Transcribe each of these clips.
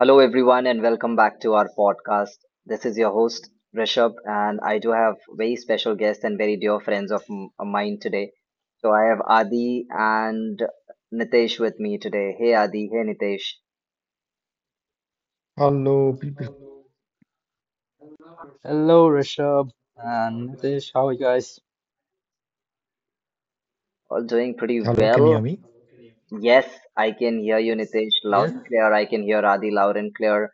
Hello, everyone, and welcome back to our podcast. This is your host, Rishabh, and I do have very special guests and very dear friends of mine today. So I have Adi and Nitesh with me today. Hey, Adi. Hey, Nitesh. Hello, people. Hello, Rishabh and Nitesh. How are you guys? All doing pretty Hello, can you hear well. me? Yes, I can hear you, Nitesh, loud Yes. and clear. I can hear Adi loud and clear.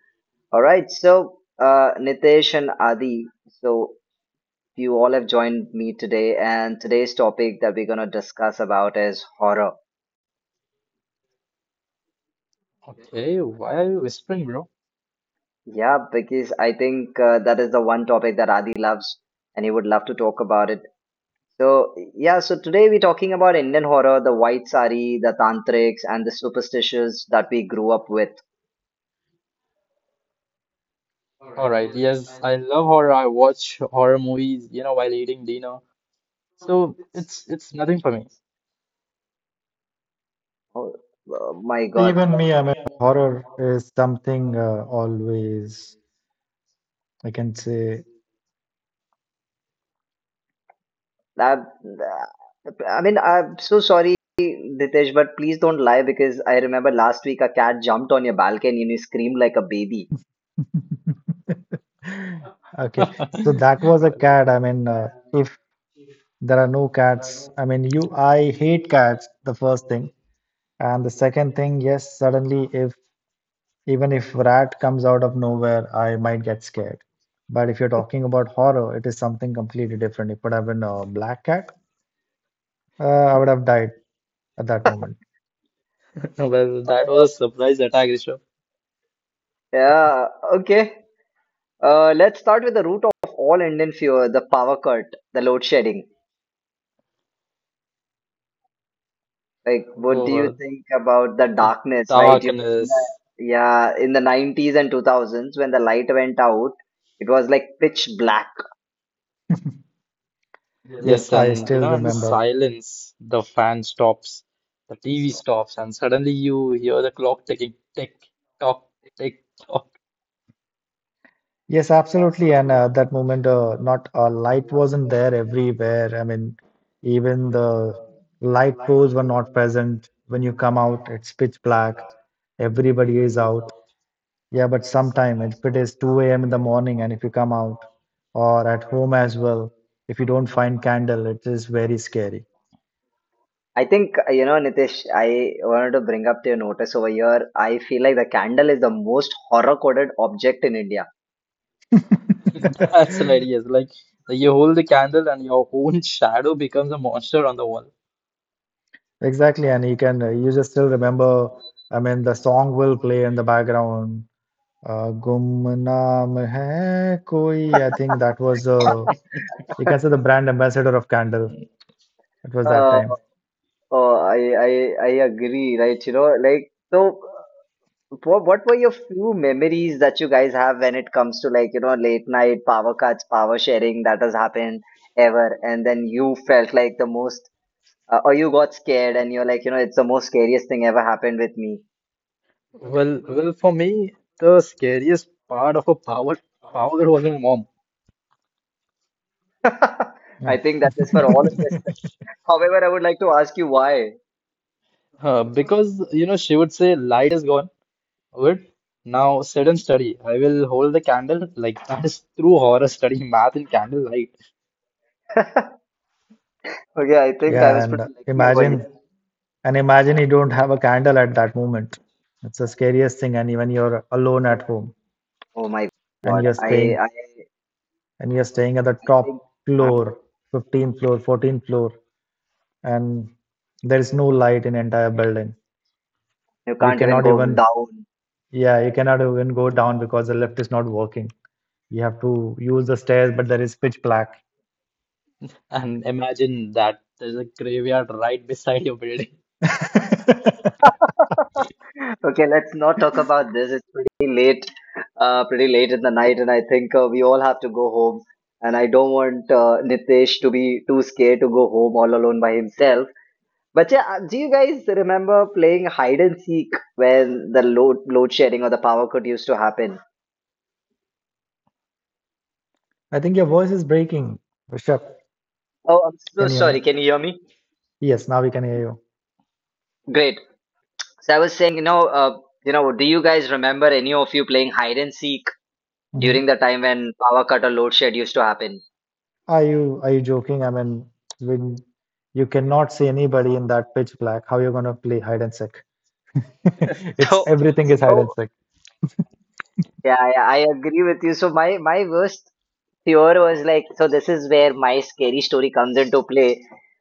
All right. So, Nitesh and Adi, so you all have joined me today, and today's topic that we're going to discuss about is horror. Okay. Why are you whispering, bro? Yeah, because I think that is the one topic that Adi loves and he would love to talk about it. So, yeah, so today we're talking about Indian horror, the white sari, the tantrics, and the superstitions that we grew up with. All right. Yes, I love horror. I watch horror movies, while eating dinner. So it's nothing for me. Oh, my God. Even me, I mean, horror is something always, I can say. I, I mean, I'm so sorry, Ditesh, but please don't lie because I remember last week a cat jumped on your balcony and you screamed like a baby. Okay, so that was a cat. I mean, if there are no cats, I mean, you, I hate cats, the first thing. And the second thing, yes, suddenly, if even if rat comes out of nowhere, I might get scared. But if you're talking about horror, it is something completely different. It could have been a black cat. I would have died at that moment. Well, well, that Uh, was a surprise attack, Rishabh. yeah, okay. Let's start with the root of all Indian fear, the power cut, the load shedding. Like, what do you Oh, think about the the darkness, right? You know, in the darkness. yeah, in the 90s and 2000s when the light went out, it was like pitch black. Yes, Yes, I and you still know, and the remember. silence, the fan stops, the TV stops, and suddenly you hear the clock ticking, tick, tock, tick, tock. Yes, absolutely. And that moment, not light wasn't there everywhere. I mean, even the light poles were not present. When you come out, it's pitch black. Everybody is out. Yeah, but sometime if it is 2 a.m. in the morning and if you come out or at home as well, if you don't find candle, it is very scary. I think, Nitish, I wanted to bring up to your notice over here. I feel like the candle is the most horror-coded object in India. That's right, yes. Like you hold the candle and your own shadow becomes a monster on the wall. Exactly, and you just still remember. I mean, the song will play in the background. "Gumnaam hai koi." I think that was you can say the brand ambassador of candle. It was that Uh, time. Oh, I agree, right? You know, like, so what were your few memories that you guys have when it comes to like, you know, late night power cuts, power sharing that has happened ever? And then you felt like the most, or you got scared and you're like, it's the most scariest thing ever happened with me. Well, well, for me, the scariest part of a power was my mom. Yeah. I think that is for all of us. However, I would like to ask you why. Because she would say light is gone. Good. Now sit and study. I will hold the candle, like, that is true horror, study math in candlelight. Okay, I think I Yeah, was pretty lucky over here. and imagine you don't have a candle at that moment. It's the scariest thing. And even you're alone at home Oh my and God, I, I, you're staying at the I top think uh, floor, 15th floor, 14th floor, and there is no light in entire building. you You can't even cannot go even down. Yeah, you cannot even go down because the lift is not working. You have to use the stairs, but there is pitch black. And imagine that there's a graveyard right beside your building. I Okay, let's not talk about this. It's pretty late, in the night, and I think we all have to go home. And I don't want Nitesh to be too scared to go home all alone by himself. But yeah, do you guys remember playing hide and seek when the load shedding or the power cut used to happen? think your voice is breaking. Rishabh, Oh, I'm so can you hear sorry. me? Can you hear me? Yes, now we can hear you. Great. So I was saying, do you guys remember any of you playing hide and seek Mhm. during the time when power cut or load shed used to happen? Are you, are you joking? I mean, when you cannot see anybody in that pitch black, how you're gonna play hide and seek? It's So. everything is hide and So seek. Yeah, yeah, I agree with you. So my worst fear was like, so this is where my scary story comes into play.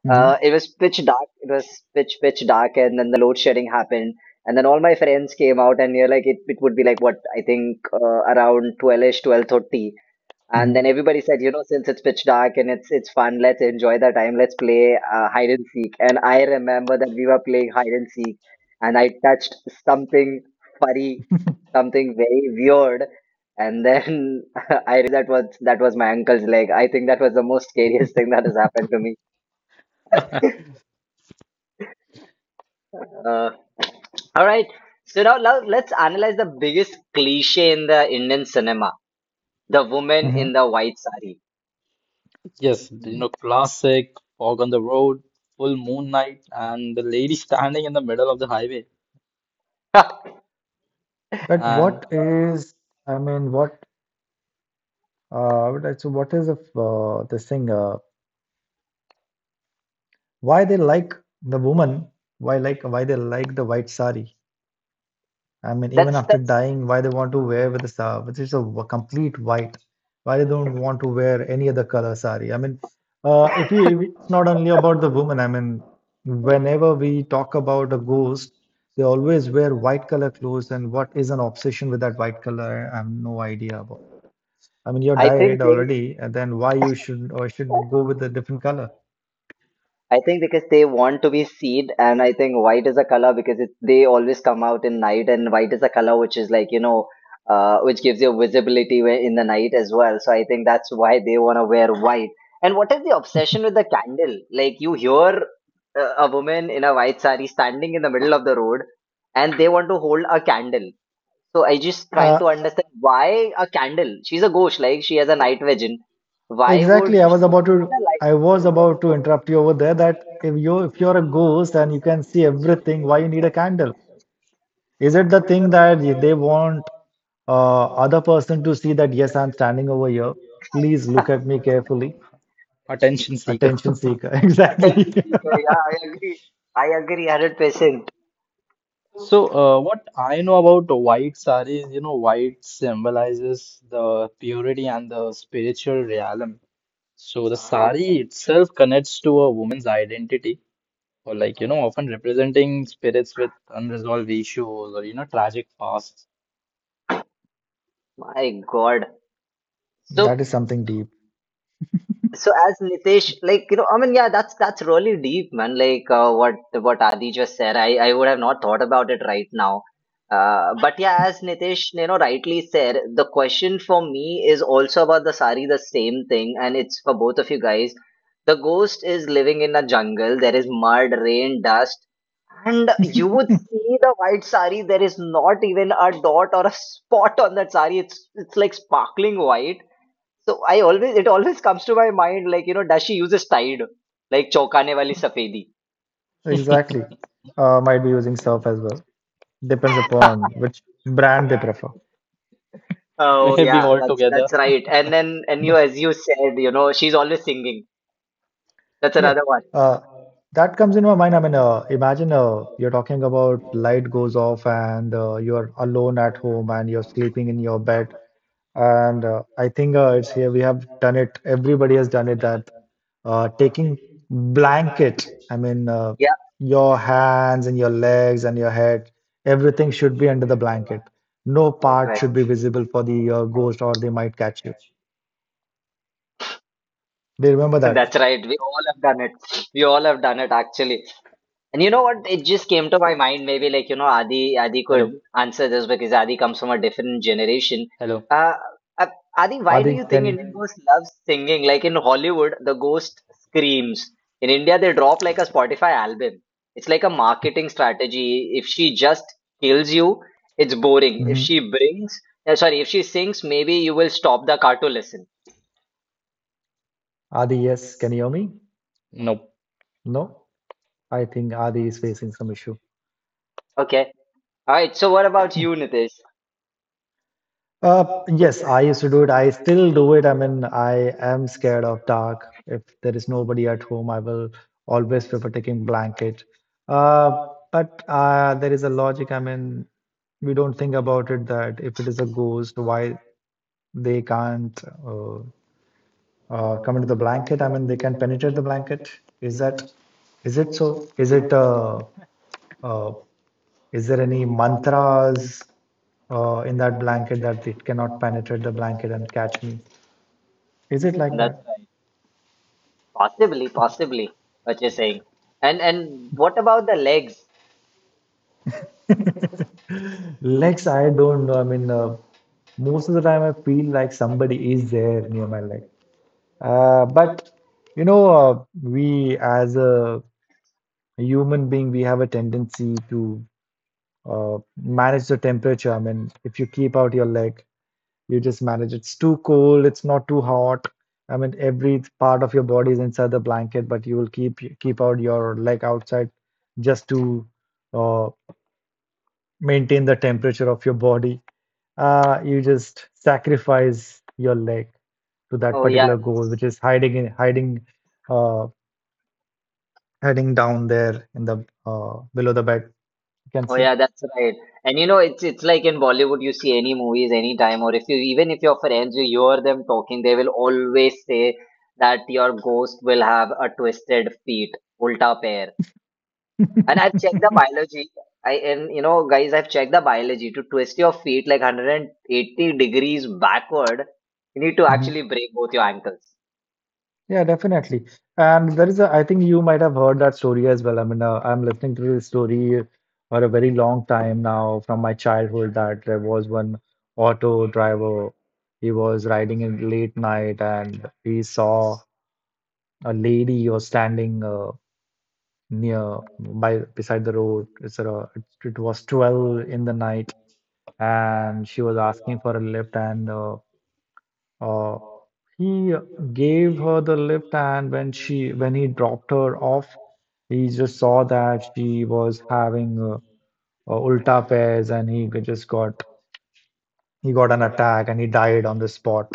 hmm It was pitch dark. It was pitch dark, and then the load shedding happened, and then all my friends came out, and you're like, it would be like what I think around 12-ish, 12:30, and then hmm everybody said, you know, since it's pitch dark and it's fun, let's enjoy the time. Let's play hide and seek. And I remember that we were playing hide and seek, and I touched something furry, something very weird, and then I realized that was my uncle's leg. I think that was the most scariest thing that has happened to me. Uh, all right. So now let's analyze the biggest cliche in the Indian cinema: the woman hmm in the white sari. Yes, classic fog on the road, full moon night, and the lady standing in the middle of the highway. But And what is, I mean, what is- so what is the, this thing, why they like the woman, why like, why they like the white sari? I mean, even that's after that's. dying, why they want to wear with the sa? Which is a complete white? Why they don't want to wear any other color sari? I mean, if you, if it's not only about the woman. I mean, whenever we talk about a ghost, they always wear white color clothes. And what is an obsession with that white color? I have no idea about. I mean, you're I think died they already, and then why you should or should go with a different color? I think because they want to be seen, and I think white is a color because they always come out in night, and white is a color which is like which gives you visibility in the night as well. So I think that's why they want to wear white. And what is the obsession with the candle? Like you hear a woman in a white sari standing in the middle of the road, and they want to hold a candle. So I just trying Uh, to understand why a candle? She's a ghost, like she has a night vision. Why Exactly. Would she need a I light? was about to interrupt you over there that if you if you're a ghost and you can see everything, why you need a candle? Is it the thing that they want other person to see that yes, I'm standing over here. Please look at me carefully. attention seeker. Attention seeker. Attention Exactly. seeker. Yeah, I agree. I agree 100%. So, what I know about white sari is, white symbolizes the purity and the spiritual realm. So, the Okay. sari itself connects to a woman's identity, or like often representing spirits with unresolved issues or tragic pasts. My God. That So, is something deep. so, as Nitesh, like, you know, I mean, yeah, that's really deep, man. Like, what, Adi just said, I would have not thought about it right now. But yeah, as Nitesh, rightly said, the question for me is also about the sari, the same thing, and it's for both of you guys. The ghost is living in a jungle. There is mud, rain, dust, and you would see the white sari, there is not even a dot or a spot on that sari. It's like sparkling white. So I always it always comes to my mind like, does she uses Tide? Like Chokane wali safedi. Exactly. Might be using surf as well. Depends upon which brand they prefer. Oh Maybe yeah, all that's together. that's right. And then and you But as you said, she's always singing. That's yeah. another one. uh, That comes in my mind. I mean, imagine you're talking about light goes off and you're alone at home and you're sleeping in your bed. And I think it's here we have done it. Everybody has done it that taking blanket. I mean, Yeah, your hands and your legs and your head, everything should be under the blanket. No part right. should be visible for the ghost or they might catch you. Do you remember that? That's right. We all have done it. We all have done it actually. And you know what? It just came to my mind. Maybe like Adi could Hello, answer this because Adi comes from a different generation. hello? Uh, uh, Adi, why do you Adi, think can you? Indian ghost loves singing? Like in Hollywood, the ghost screams. In India, they drop like a Spotify album. It's like a marketing strategy. If she just kills you, it's boring. If Mhm. Sorry, if she sings, maybe you will stop the car to listen. Adi, yes. Can you hear me? No. No? I think Adi is facing some issue. Okay. All right. So what about Hmm. you, Nitesh? Yes, I used to do it. I still do it. I mean, I am scared of dark. If there is nobody at home, I will always prefer taking blanket. Uh, but there is a logic. I mean, we don't think about it that if it is a ghost, why they can't uh, come into the blanket? I mean, they can penetrate the blanket. Is that is it so? Is it uh, is there any mantras in that blanket that it cannot penetrate the blanket and catch me? Is it like That's that? right. Possibly, possibly, what you're saying. And what about the legs? Legs, I don't know. I mean, most of the time I feel like somebody is there near my leg. But you know, we as a human being, we have a tendency to manage the temperature. I mean, if you keep out your leg, you just manage. It's too cold. It's not too hot. I mean, every part of your body is inside the blanket, but you will keep out your leg outside just to uh, maintain the temperature of your body. You just sacrifice your leg to that Oh yeah, particular goal, that's which is hiding in uh, hiding down there in the below the bed, you can oh say. yeah, that's right. And it's like in Bollywood, you see any movies anytime, or if you even if your friends you hear them talking, they will always say that your ghost will have a twisted feet, ulta pair. And I've checked the biology. I and you know, guys, I've checked the biology. To twist your feet like 180 degrees backward, you need to actually Mhm. break both your ankles. Yeah, definitely. And there is a, I think you might have heard that story as well. I mean, I'm listening to this story for a very long time now from my childhood that there was one auto driver. He was riding in late night and he saw a lady was standing near by beside the road. Was 12 in the night and she was asking for a lift and uh, he gave her the lift and when he dropped her off, he just saw that she was having Ulta pairs and just got an attack and he died on the spot.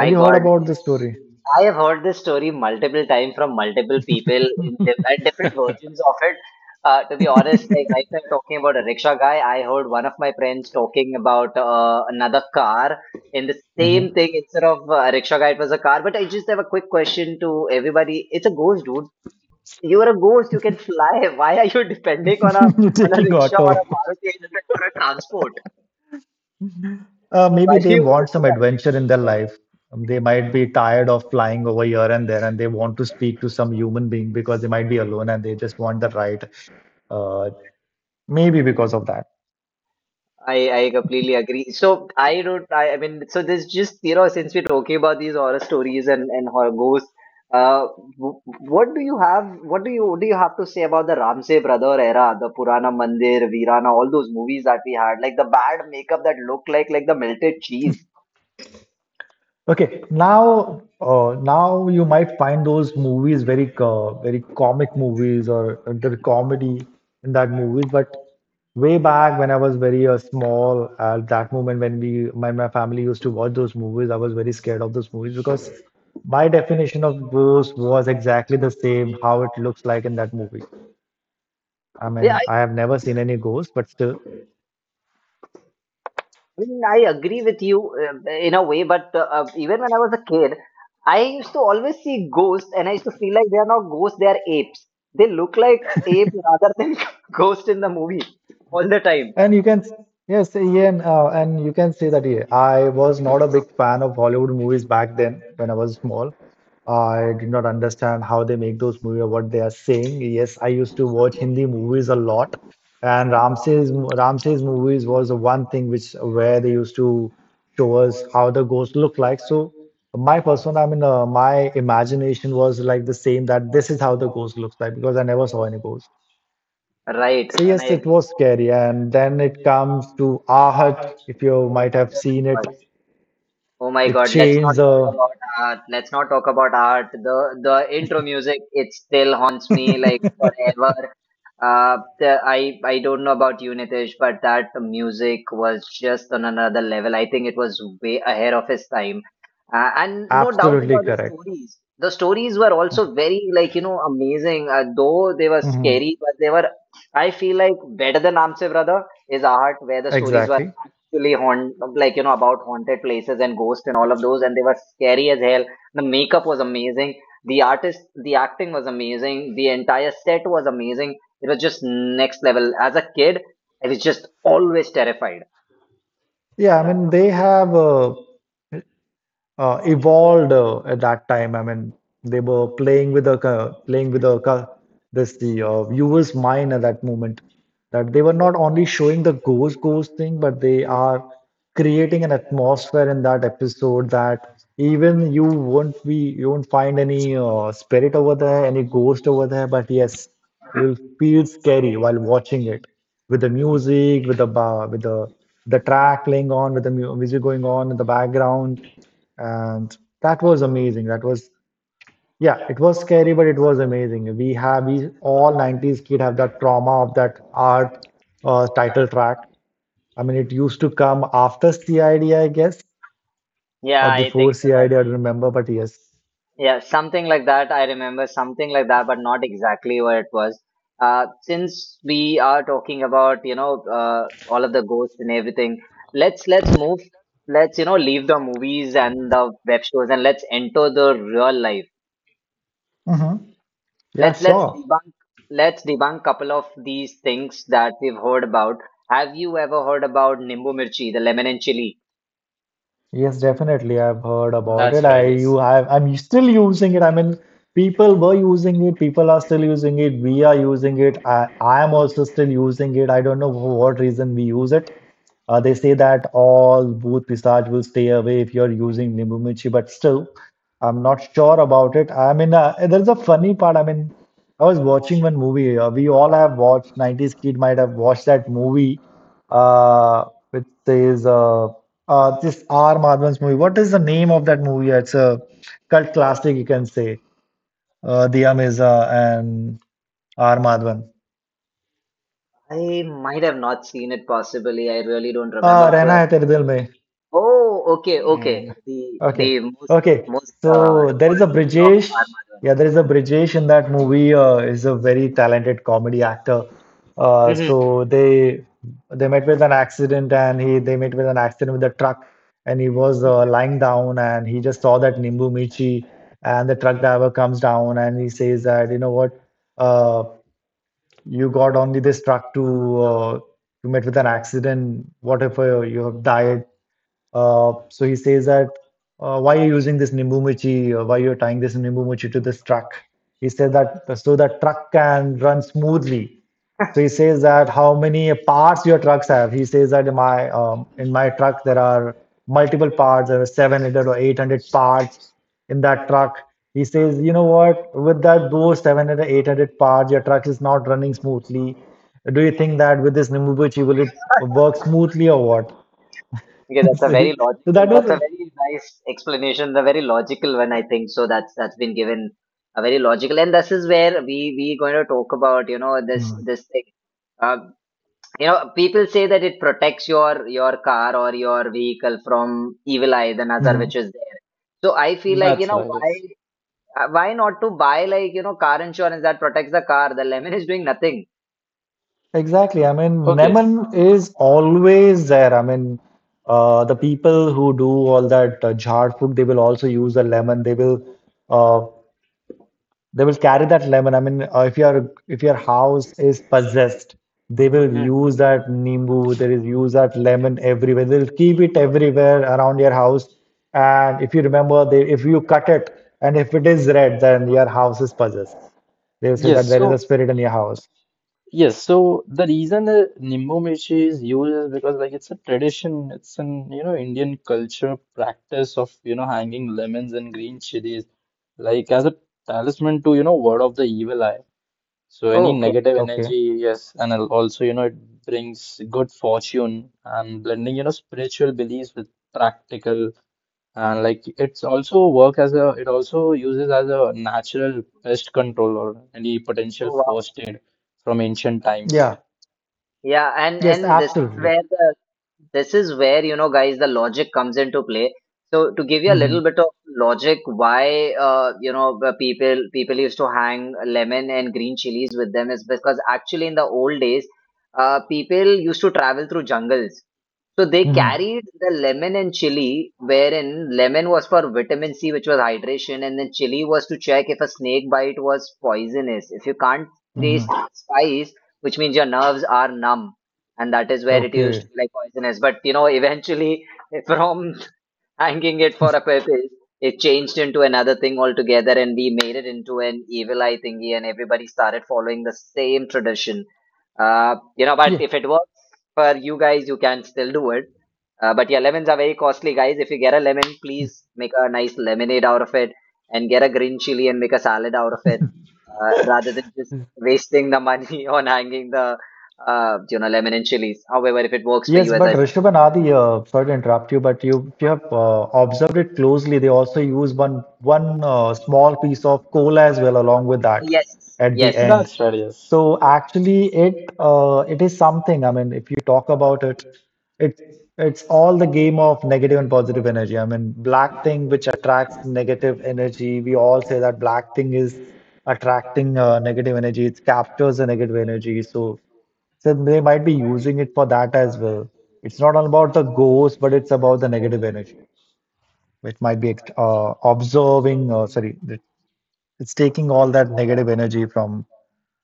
Have you heard God, it about this is. story? I have heard this story multiple times from multiple people in di at different versions of it. To be honest, like right now, you're talking about a rickshaw guy. I heard one of my friends talking about another car in the Mhm. same thing. Instead of a rickshaw guy, it was a car. But I just have a quick question to everybody. It's a ghost, dude. You are a ghost. You can fly. Why are you depending on a on a Taking rickshaw or auto. a Maruti 800 for a transport? Maybe Why do they you want to want do some that? adventure in their life. They might be tired of flying over here and there, and they want to speak to some human being because they might be alone and they just want the right. Uh, Maybe because of that. I completely agree. So I don't I mean so there's just since we're talking about these horror stories and horror ghosts, uh, what do you have? What do you have to say about the Ramsey brother era, the Purana Mandir, Veerana, all those movies that we had, like the bad makeup that looked like the melted cheese. Okay, now now you might find those movies very comic movies or the comedy in that movies. But way back when I was very small, at that moment when we my family used to watch those movies, I was very scared of those movies because my definition of ghost was exactly the same how it looks like in that movie. I Yeah, mean, I have never seen any ghost, but still. I mean, I agree with you in a way, but even when I was a kid, I used to always see ghosts, and I used to feel like they are not ghosts; they are apes. They look like apes rather than ghosts in the movie all the time. And you can, yes, Ian, and you can say that yeah, I was not a big fan of Hollywood movies back then when I was small. I did not understand how they make those movies or what they are saying. Yes, I used to watch Hindi movies a lot, and Ramses movies was the one thing which where they used to show us how the ghost look like. So my persona, I mean, my imagination was like the same that this is how the ghost looks like because I never saw any ghost. Right? So And I yes, it agree. was scary. And then it comes to Aahat. If you might have Oh my seen it, god. Oh my it God, let's not changed talk the about art. Let's not talk about art. The intro music, it still haunts me like forever. The, I don't know about you, Nitish, but that music was just on another level. I think it was way ahead of his time, and no doubt absolutely about the correct. stories. The stories were also very amazing. Though they were hmm scary, but they were I feel like better than Aamse Brother is art, where the stories were Exactly. actually haunt like you know about haunted places and ghosts and all of those, and they were scary as hell. The makeup was amazing, the artist, the acting was amazing, the entire set was amazing. It was just next level. As a kid, I was just always terrified. Yeah, I mean, they have evolved at that time. I mean, they were playing with the co- this the viewer's mind at that moment. That they were not only showing the ghost thing, but they are creating an atmosphere in that episode that even you won't be you won't find any spirit over there, any ghost over there. But yes, you'll feel scary while watching it with the music, with the ba with the track playing on, with the music going on in the background, and that was amazing. That was, yeah, it was scary but it was amazing. We have, we all 90s kid have that trauma of that art title track. I mean, it used to come after cid I D, I guess, Yeah, or I before think so. cid I D, I don't remember, but yes. Yeah, something like that. I remember something like that, but not exactly what it was. Since we are talking about, all of the ghosts and everything, let's move. Let's, leave the movies and the web shows and let's enter the real life. hmm yeah, Let's sure. debunk couple of these things that we've heard about. Have you ever heard about Nimbu Mirchi, the lemon and chili? Yes, definitely. I've heard about it. That's I right, yes. You have. I'm still using it. I mean, people were using it, people are still using it, we are using it. I am also still using it. I don't know for what reason we use it. They say that all booth research will stay away if you're using Nimbu Michi, but still, I'm not sure about it. I mean, there's a funny part. I mean, I was watching one movie. We all have watched, 90s kid might have watched that movie, uh, which says, this R. Madhavan's movie. What is the name of that movie? It's a cult classic, you can say. Diya Mirza and R. Madhavan. I might have not seen it possibly. I really don't Rehna remember. Hai Tere Dil Mein. Oh, okay, okay. Mm, The Okay. the most Okay. most uh, So there is a important movie of Brijesh. R. Madhavan. Yeah, there is a Brijesh in that movie. Is a very talented comedy actor. Uh, Mm-hmm. so they they met with an accident, and he they met with an accident with a truck, and he was lying down, and he just saw that Nimbu Michi, and the truck driver comes down, and he says that you know what, uh, you got only this truck to uh, you met with an accident. What if you have died? So he says that why are you using this nimbu michi? Why you're tying this nimbu michi to this truck? He said that so that truck can run smoothly. So he says that Right. how many parts your trucks have? He says that in my truck there are multiple parts. There are 700 or 800 parts in that truck. He says, you know what? With that those 700 800 parts, your truck is not running smoothly. Do you think that with this nimbu michi will it work smoothly or what? Okay, that's a So, he- very so logical. that That's a was very nice explanation. The very logical one, I think. So that's been given a very logical, and this is where we going to talk about you know this Mhm. this thing. Uh, people say that it protects your car or your vehicle from evil eye, the nazar Mhm. which is there. So I feel like you that's know right, why. yes. Why not to buy like, car insurance that protects the car? The lemon is doing nothing. Exactly. I mean, Okay, yes. Neman is always there. I mean, the people who do all that jhar food, they will also use the lemon. Uh, they will carry that lemon. I mean, if your house is possessed, they will Hmm. use that nimbu. They will use that lemon everywhere. They will keep it everywhere around your house. And if you remember, they if you cut it and if it is red, then your house is possessed. They will say Yes, that there is so a spirit in your house. Yes, so the reason Nimbu Mirchi is used is because, like, it's a tradition, it's an Indian culture practice of hanging lemons and green chilies, like, as a talisman to ward off the evil eye. So any Oh, okay. negative Okay. energy, yes, and also it brings good fortune and blending spiritual beliefs with practical, and like it's also work as a it also uses as a natural pest control or any potential Oh, wow. first aid from ancient times. Yeah. Yeah, and Yes, and this is absolutely. where the this is where, you know, guys, the logic comes into play. So to give you a Hmm, little bit of logic, why you know, the people used to hang lemon and green chilies with them is because actually in the old days, people used to travel through jungles. So they hmm, carried the lemon and chili, wherein lemon was for vitamin C, which was hydration, and then chili was to check if a snake bite was poisonous. If you can't hmm. taste spice, which means your nerves are numb, and that is where it used Okay. to be like poisonous. But you know, eventually, from hanging it for a purpose, it changed into another thing altogether, and we made it into an evil eye thingy, and everybody started following the same tradition. But Yeah. if it works for you guys, you can still do it. But yeah, lemons are very costly, guys. If you get a lemon, Yes, please make a nice lemonade out of it, and get a green chili and make a salad out of it, rather than just wasting the money on hanging the, lemon and chilies. However, if it works for Yes, you, as but I said, Rishabh and it's great. Adi, sorry to interrupt you, but you if you have observed it closely, they also use one small piece of coal as well along with Oh that yes, at the end. yes. So actually, it is something. I mean, if you talk about it. It's it's all the game of negative and positive energy. I mean, black thing which attracts negative energy. We all say that black thing is attracting negative energy. It captures the negative energy. So they might be using it for that as well. It's not all about the ghost, but it's about the negative energy, which might be observing. Sorry, it's taking all that negative energy from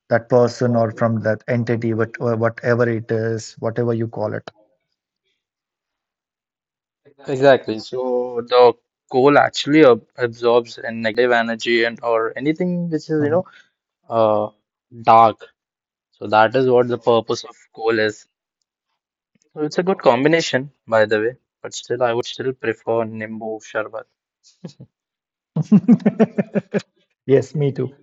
that person or from that entity, what, whatever it is, whatever you call it. Exactly. So the coal actually ab absorbs a negative energy and or anything which is, you Uh-huh. know, uh, dark. So that is what the purpose of coal is. So it's a good combination, by the way. But still, I would still prefer Nimbu Sharbat. Yes, me too.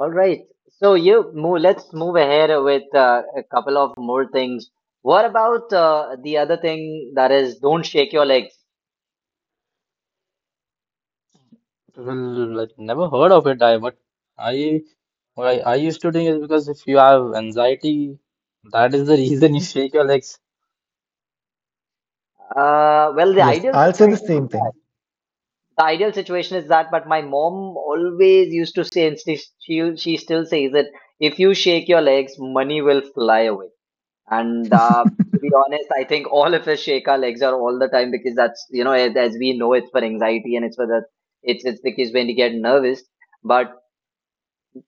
All right. So you move, let's move ahead with a couple of more things. What about the other thing that is don't shake your legs? Well, like, never heard of it. I but I what I used to think is because if you have anxiety, that is the reason you shake your legs. Well, the Yes, ideal I'll say the situation is same that. thing. The ideal situation is that, but my mom always used to say, and she still says it, if you shake your legs, money will fly away. And to be honest, I think all of us shake our legs are all the time because that's, you know, as we know, it's for anxiety and it's for that, it's because when you get nervous. But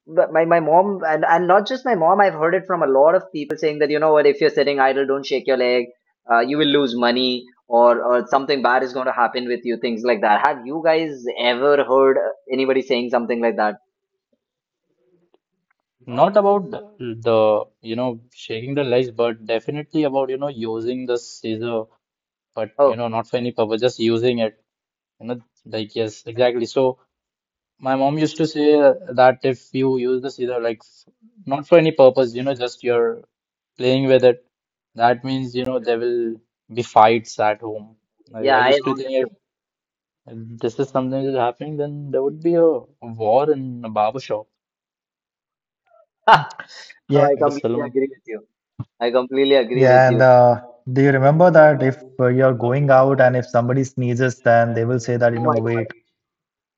but my mom and not just my mom, I've heard it from a lot of people saying that, you know what, if you're sitting idle, don't shake your leg, you will lose money, or something bad is going to happen with you, things like that. Have you guys ever heard anybody saying something like that? Not about the shaking the legs, but definitely about using the scissor, but Oh not for any purpose, just using it, you know like. Yes, exactly. So my mom used to say that if you use the either, like, not for any purpose, just you're playing with it, that means there will be fights at home. I yeah, I have used to heard think, it if too. this is something that is happening, then there would be a war in a barber shop, Hmm. No, Yeah, I at a completely salon. agree with you. I completely agree with yeah, and you. Do you remember that if you're going out and if somebody sneezes, then they will say that, you Oh know, my God. wait.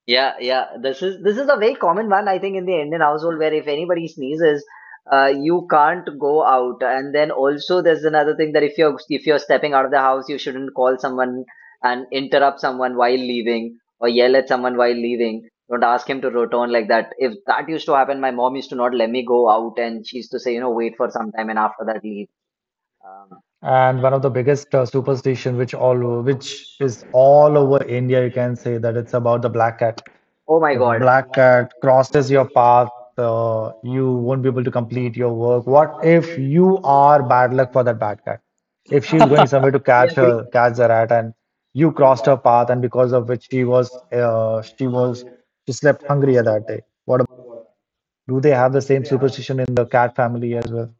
Yeah, yeah. This is a very common one, I think, in the Indian household, where if anybody sneezes, you can't go out. And then also there's another thing that if you're stepping out of the house, you shouldn't call someone and interrupt someone while leaving, or yell at someone while leaving. Don't ask him to return like that. If that used to happen, my mom used to not let me go out, and she used to say, you know, wait for some time and after that leave. Um, And one of the biggest superstition, which is all over India, you can say that it's about the black cat. oh my If God, black cat crosses your path, you won't be able to complete your work. What if you are bad luck for that bad cat? If she's going somewhere to I catch agree. her, catch the rat, and you crossed her path, and because of which she slept hungrier that day. What about? Do they have the same superstition in the cat family as well?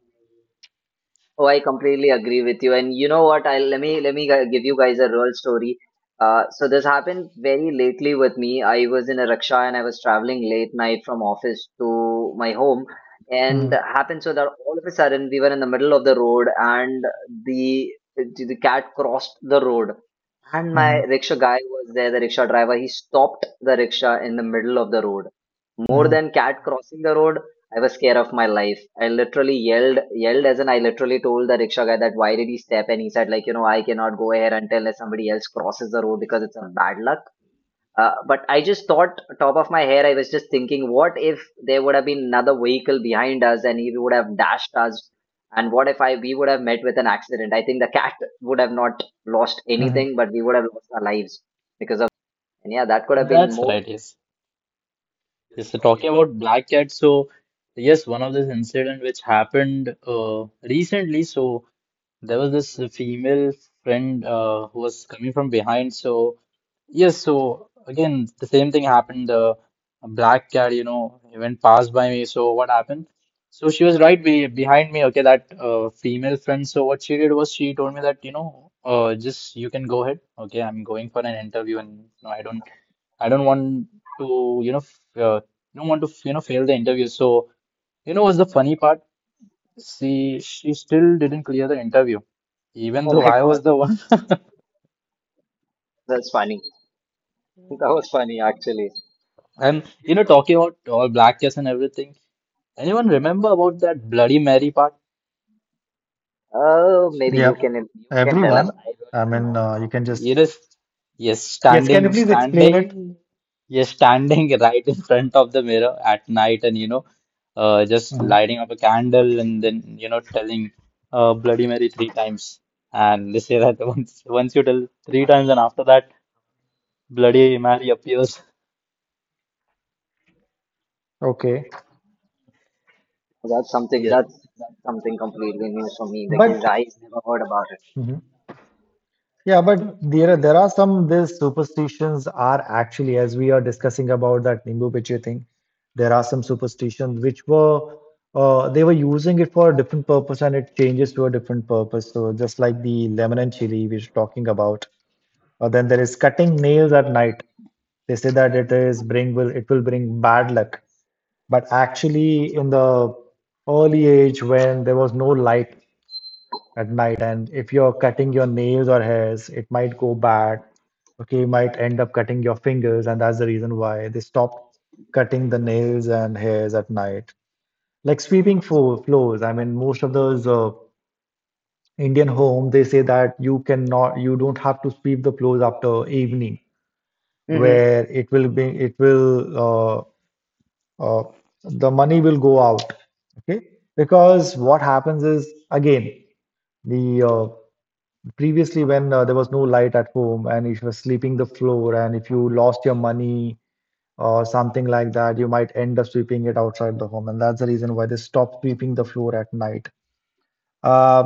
Oh, I completely agree with you. And you know what? I'll let me gi- give you guys a real story. So this happened very lately with me. I was in a rickshaw and I was traveling late night from office to my home, and Mm-hmm, happened so that all of a sudden we were in the middle of the road and the cat crossed the road. And my mm-hmm, rickshaw guy was there, the rickshaw driver. He stopped the rickshaw in the middle of the road. More mm-hmm, than cat crossing the road, I was scared of my life. I literally yelled, yelled as in I literally told the rickshaw guy that why did he step? And he said like, you know, I cannot go here until somebody else crosses the road because it's a bad luck. But I just thought, top of my head, I was just thinking, what if there would have been another vehicle behind us and he would have dashed us? And what if I we would have met with an accident? I think the cat would have not lost mm-hmm. anything, but we would have lost our lives because of that. And yeah, that could have been That's more. right. Yes, yes. So talking about black cat, so yes, one of these incident which happened recently. So there was this female friend who was coming from behind. So yes, so again the same thing happened. The black cat, even passed by me. So what happened? So she was right be behind me. Okay, that female friend. So what she did was she told me that, just you can go ahead. Okay, I'm going for an interview, and no, I don't want to, you know, f- don't want to, fail the interview. So what's the funny part? See, she still didn't clear the interview, even Oh though my I God, was the one. that's funny. That was funny actually. And talking about all black chess and everything. Anyone remember about that Bloody Mary part? Oh, maybe you Yep, can you can tell us. everyone. I really I don't mean, know. You can just. Yes, yes, Yes, can you standing, please explain it? standing, yes, standing right in front of the mirror at night, and just Mhm. lighting up a candle, and then telling, Bloody Mary three times. And they say that once you tell three times, and after that, Bloody Mary appears. Okay, That's something Yes. that's that's something completely new for me but because I never heard about it. Yeah, but there are some these superstitions are actually, as we are discussing about that Nimbu Piche thing, there are some superstitions which were they were using it for a different purpose and it changes to a different purpose. So just like the lemon and chili we're talking about, then there is cutting nails at night. They say that it will bring bad luck, but actually in the early age when there was no light at night and if you're cutting your nails or hairs, it might go bad. Okay, you might end up cutting your fingers, and that's the reason why they stopped cutting the nails and hairs at night. Like sweeping floors. I mean, most of those Indian homes, they say that you don't have to sweep the floors after evening, Mm-hmm. where it will be, it will, uh, uh, the money will go out. Okay, because what happens is again the previously when there was no light at home and if you were sleeping the floor and if you lost your money or something like that, you might end up sweeping it outside the home. And that's the reason why they stop sweeping the floor at night. Uh,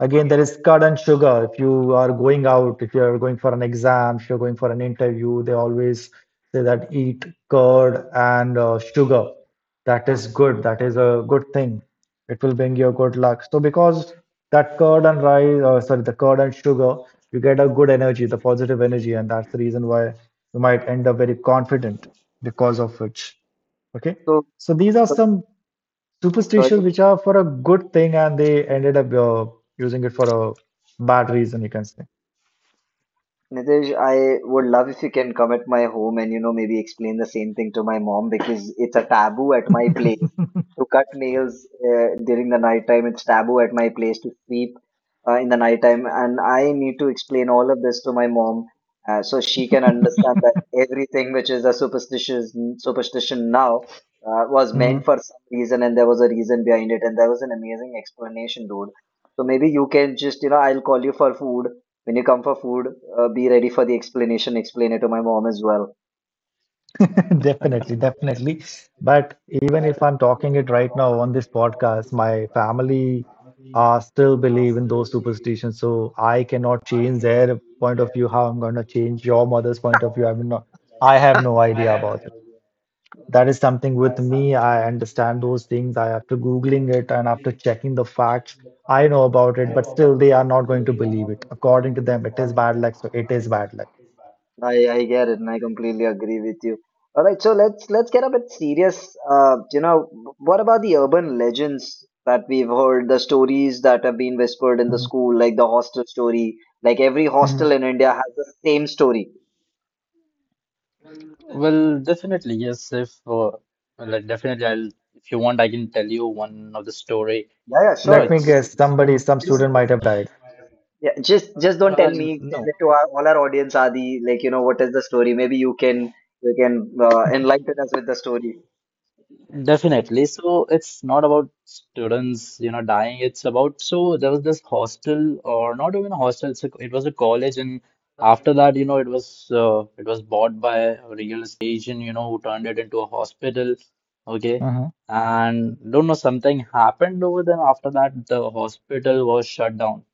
Again, there is curd and sugar. If you are going out, if you are going for an exam, if you're going for an interview, they always say that eat curd and sugar. That is good. That is a good thing. It will bring you good luck. So because that curd and rice, sorry, the curd and sugar, you get a good energy, the positive energy, and that's the reason why you might end up very confident because of which. Okay. So, So these are so some superstitions sorry which are for a good thing and they ended up using it for a bad reason, you can say. Nitish, I would love if you can come at my home and, you know, maybe explain the same thing to my mom, because it's a taboo at my place to cut nails during the night time. It's taboo at my place to sweep in the night time. And I need to explain all of this to my mom, so she can understand that everything which is a superstitious superstition now was Mhm. meant for some reason, and there was a reason behind it. And there was an amazing explanation, dude. So maybe you can just, you know, I'll call you for food when you come for food, be ready for the explanation. Explain it to my mom as well. Definitely, definitely. But even if I'm talking it right now on this podcast, my family still believe in those superstitions. So I cannot change their point of view. How I'm going to change your mother's point of view, I mean, not, I have no idea about. That is something with me. I understand those things. After Googling it and after checking the facts, I know about it, but still they are not going to believe it. According to them, it is bad luck, so it is bad luck. I get it, and I completely agree with you. All right, so let's get a bit serious. You know, what about the urban legends that we've heard, the stories that have been whispered in the Mhm, school, like the hostel story? Like every mhm. hostel in India has the same story. Well, definitely, yes. If like, definitely, I'll if you want, I can tell you one of the story. Yeah, yeah, You know, Let sure. me it's This guess, is it's been, somebody, some just student might have died. yeah, just don't uh, tell me. Tell it to our, all our audience, Adi. Like, you know, what is the story? Maybe you can enlighten us with the story. definitely. So it's not about students, dying. It's about, so there was this hostel, or not even a hostel. It was a college, and after that, it was bought by a real agent, who turned it into a hospital. Okay, Mhm. and don't know, something happened over there. After that, the hospital was shut down.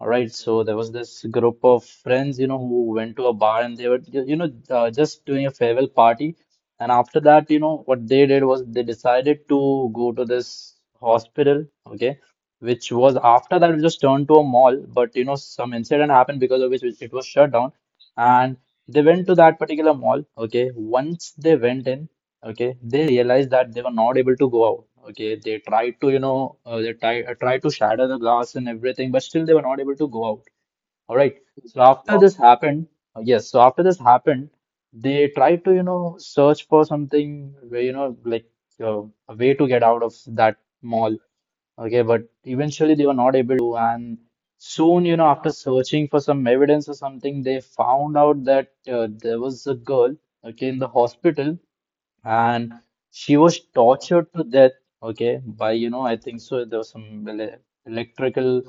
All right, so there was this group of friends, who went to a bar, and they were just doing a farewell party. And after that, what they did was they decided to go to this hospital, okay, which was, after that, it just turned to a mall. But some incident happened, because of which it was shut down, and they went to that particular mall, okay. Once they went in, okay, they realized that they were not able to go out. Okay, they tried to shatter the glass and everything, but still they were not able to go out. All right, so Wow. After this happened, they tried to search for something, where like uh, a way to get out of that mall, okay. But eventually they were not able to, and soon, after searching for some evidence or something, they found out that, there was a girl, okay, in the hospital, and she was tortured to death, okay, by I think so there was some electrical,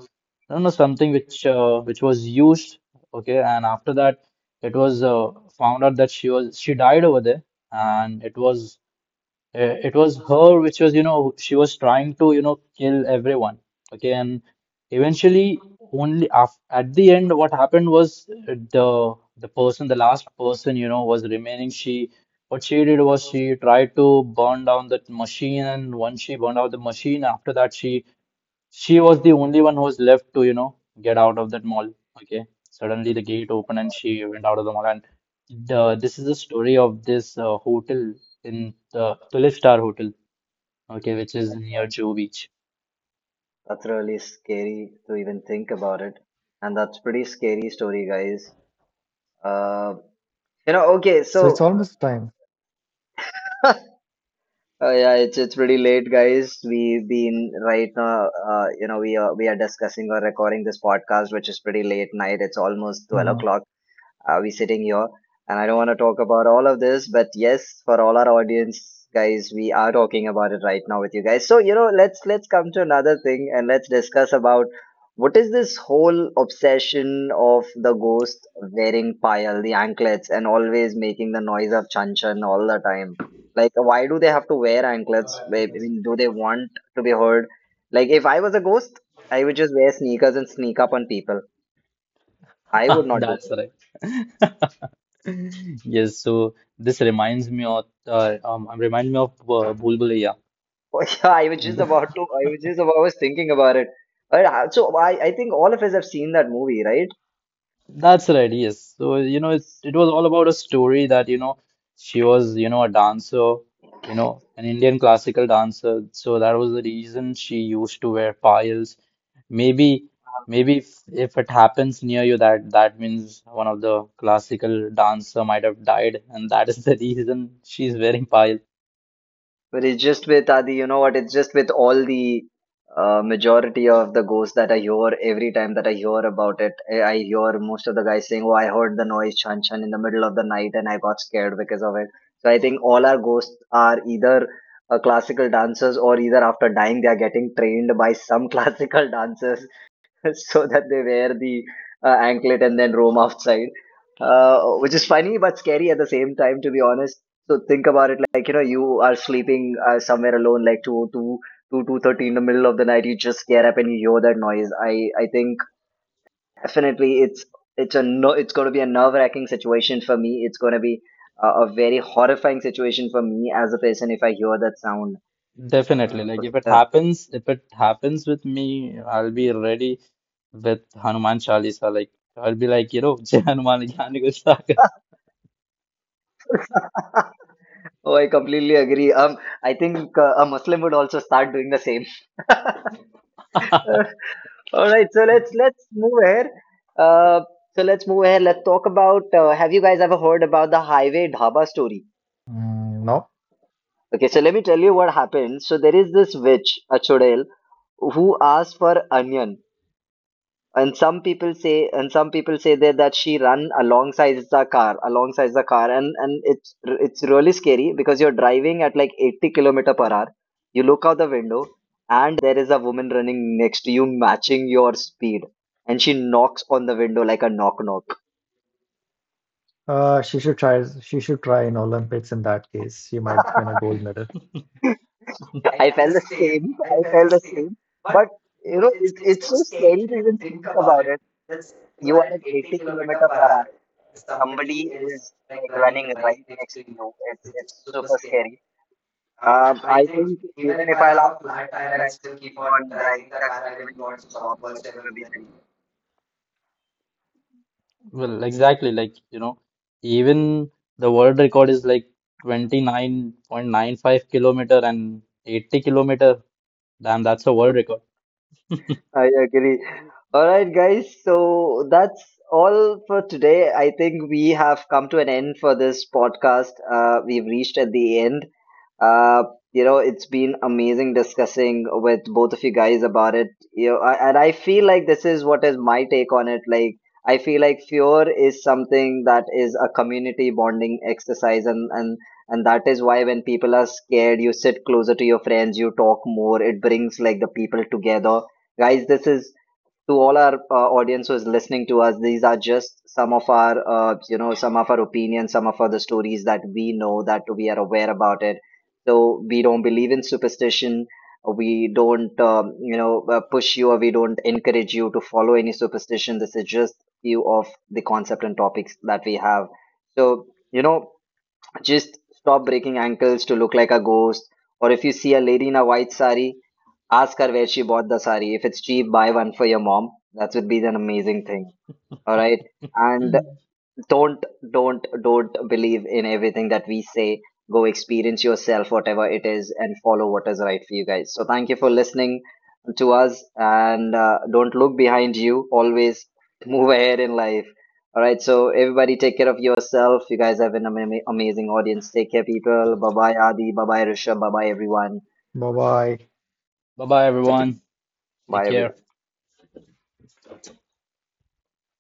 I don't know something which was used, okay. And after that, it was, found out that she died over there, and it was, her which was, she was trying to, kill everyone. Okay, and eventually, only af at the end, what happened was, the last person, was remaining. She what she did was, she tried to burn down that machine, and once she burned out the machine, after that she was the only one who was left to, get out of that mall. Okay. Suddenly the gate opened and she went out of the mall. And This is the story of this, hotel in the Tulip Star Hotel, okay, which is My near God, Joe Beach. that's really scary to even think about it. And that's pretty scary story, guys. Uh, okay, So it's so almost time. oh yeah, it's pretty late, guys. We've been right now. We are discussing or recording this podcast, which is pretty late night. It's almost twelve Mhm. o'clock. Are we sitting here? And I don't want to talk about all of this, but yes, for all our audience guys, we are talking about it right now with you guys. So, you know, let's come to another thing and let's discuss about what is this whole obsession of the ghost wearing pile, the anklets, and always making the noise of chan chan all the time? Like, why do they have to wear anklets? I mean, do they want to be heard? Like, if I was a ghost, I would just wear sneakers and sneak up on people. I would not do That's it. right. Yes. So this reminds me of, remind me of Bhul Bhulaiya. Oh, yeah, I was just about to. I was just about. I was thinking about it. But so I think all of us have seen that movie, right? That's right, yes. So, it was all about a story that, she was, a dancer, an Indian classical dancer. So that was the reason she used to wear piles. Maybe, maybe if it happens near you, that means one of the classical dancer might have died, and that is the reason she's wearing piles. But it's just with Adi, you know what? It's just with all the majority of the ghosts that I hear every time that I hear about it. I hear most of the guys saying, "Oh, I heard the noise chan chan in the middle of the night, and I got scared because of it." So I think all our ghosts are either classical dancers, or either after dying they are getting trained by some classical dancers, so that they wear the anklet and then roam outside, uh, which is funny but scary at the same time, to be honest. So think about it, like, you know, you are sleeping somewhere alone, like 2:30 in the middle of the night, you just get up and you hear that noise. I think definitely it's a no, it's going to be a nerve wracking situation for me. It's going to be a very horrifying situation for me as a person if I hear that sound. Definitely. Uh, Like if it okay, happens, if it happens with me, I'll be ready with Hanuman Chalisa. Like, I'll be like, Jai Hanuman Jnani Ko Sagar. uh, oh, I completely agree. I think a Muslim would also start doing the same. Uh, All right, so let's move ahead. Uh, so let's move ahead. Let's talk about. Have you guys ever heard about the highway dhaba story? Mm, no. Okay, so let me tell you what happened. So there is this witch, a chodel, who asked for onion. And some people say that she run alongside the car, and it's really scary because you're driving at like 80 kilometer per hour, you look out the window and there is a woman running next to you matching your speed, and she knocks on the window like a knock knock. She should try. She should try in Olympics in that case. She might win a gold medal. I felt the same. But you know, it's so scary to even think about it. You are at 80 kilometer per hour, somebody is like running right next to you. It's super scary. I think even if I'll have a flat tire, I'll still keep on driving the car. I will not stop whatsoever be the reason. Well, exactly. Like, even the world record is like 29.95 kilometer and 80 kilometer. Damn, that's a world record. I agree. All right, guys. So that's all for today. I think we have come to an end for this podcast. We've reached at the end. Uh, it's been amazing discussing with both of you guys about it. You know, I feel like this is what is my take on it. Like, I feel like fear is something that is a community bonding exercise, and that is why when people are scared, you sit closer to your friends, you talk more. It brings like the people together, guys. This is to all our audience who is listening to us. These are just some of our some of our opinions, some of other stories that we know, that we are aware about it. So we don't believe in superstition, we don't push you or we don't encourage you to follow any superstition. This is just few of the concept and topics that we have. So, you know, just stop breaking ankles to look like a ghost, or if you see a lady in a white sari, ask her where she bought the sari. If it's cheap, buy one for your mom. That would be an amazing thing. All right. And don't, don't believe in everything that we say. Go experience yourself, whatever it is, and follow what is right for you guys. So thank you for listening to us. And don't look behind you. Always move ahead in life. All right. So everybody, take care of yourself. You guys have an amazing audience. Take care, people. Bye bye, Adi. Bye bye, Rishabh. Bye bye, everyone. Bye bye. Bye bye, everyone. Take Bye, care. everyone.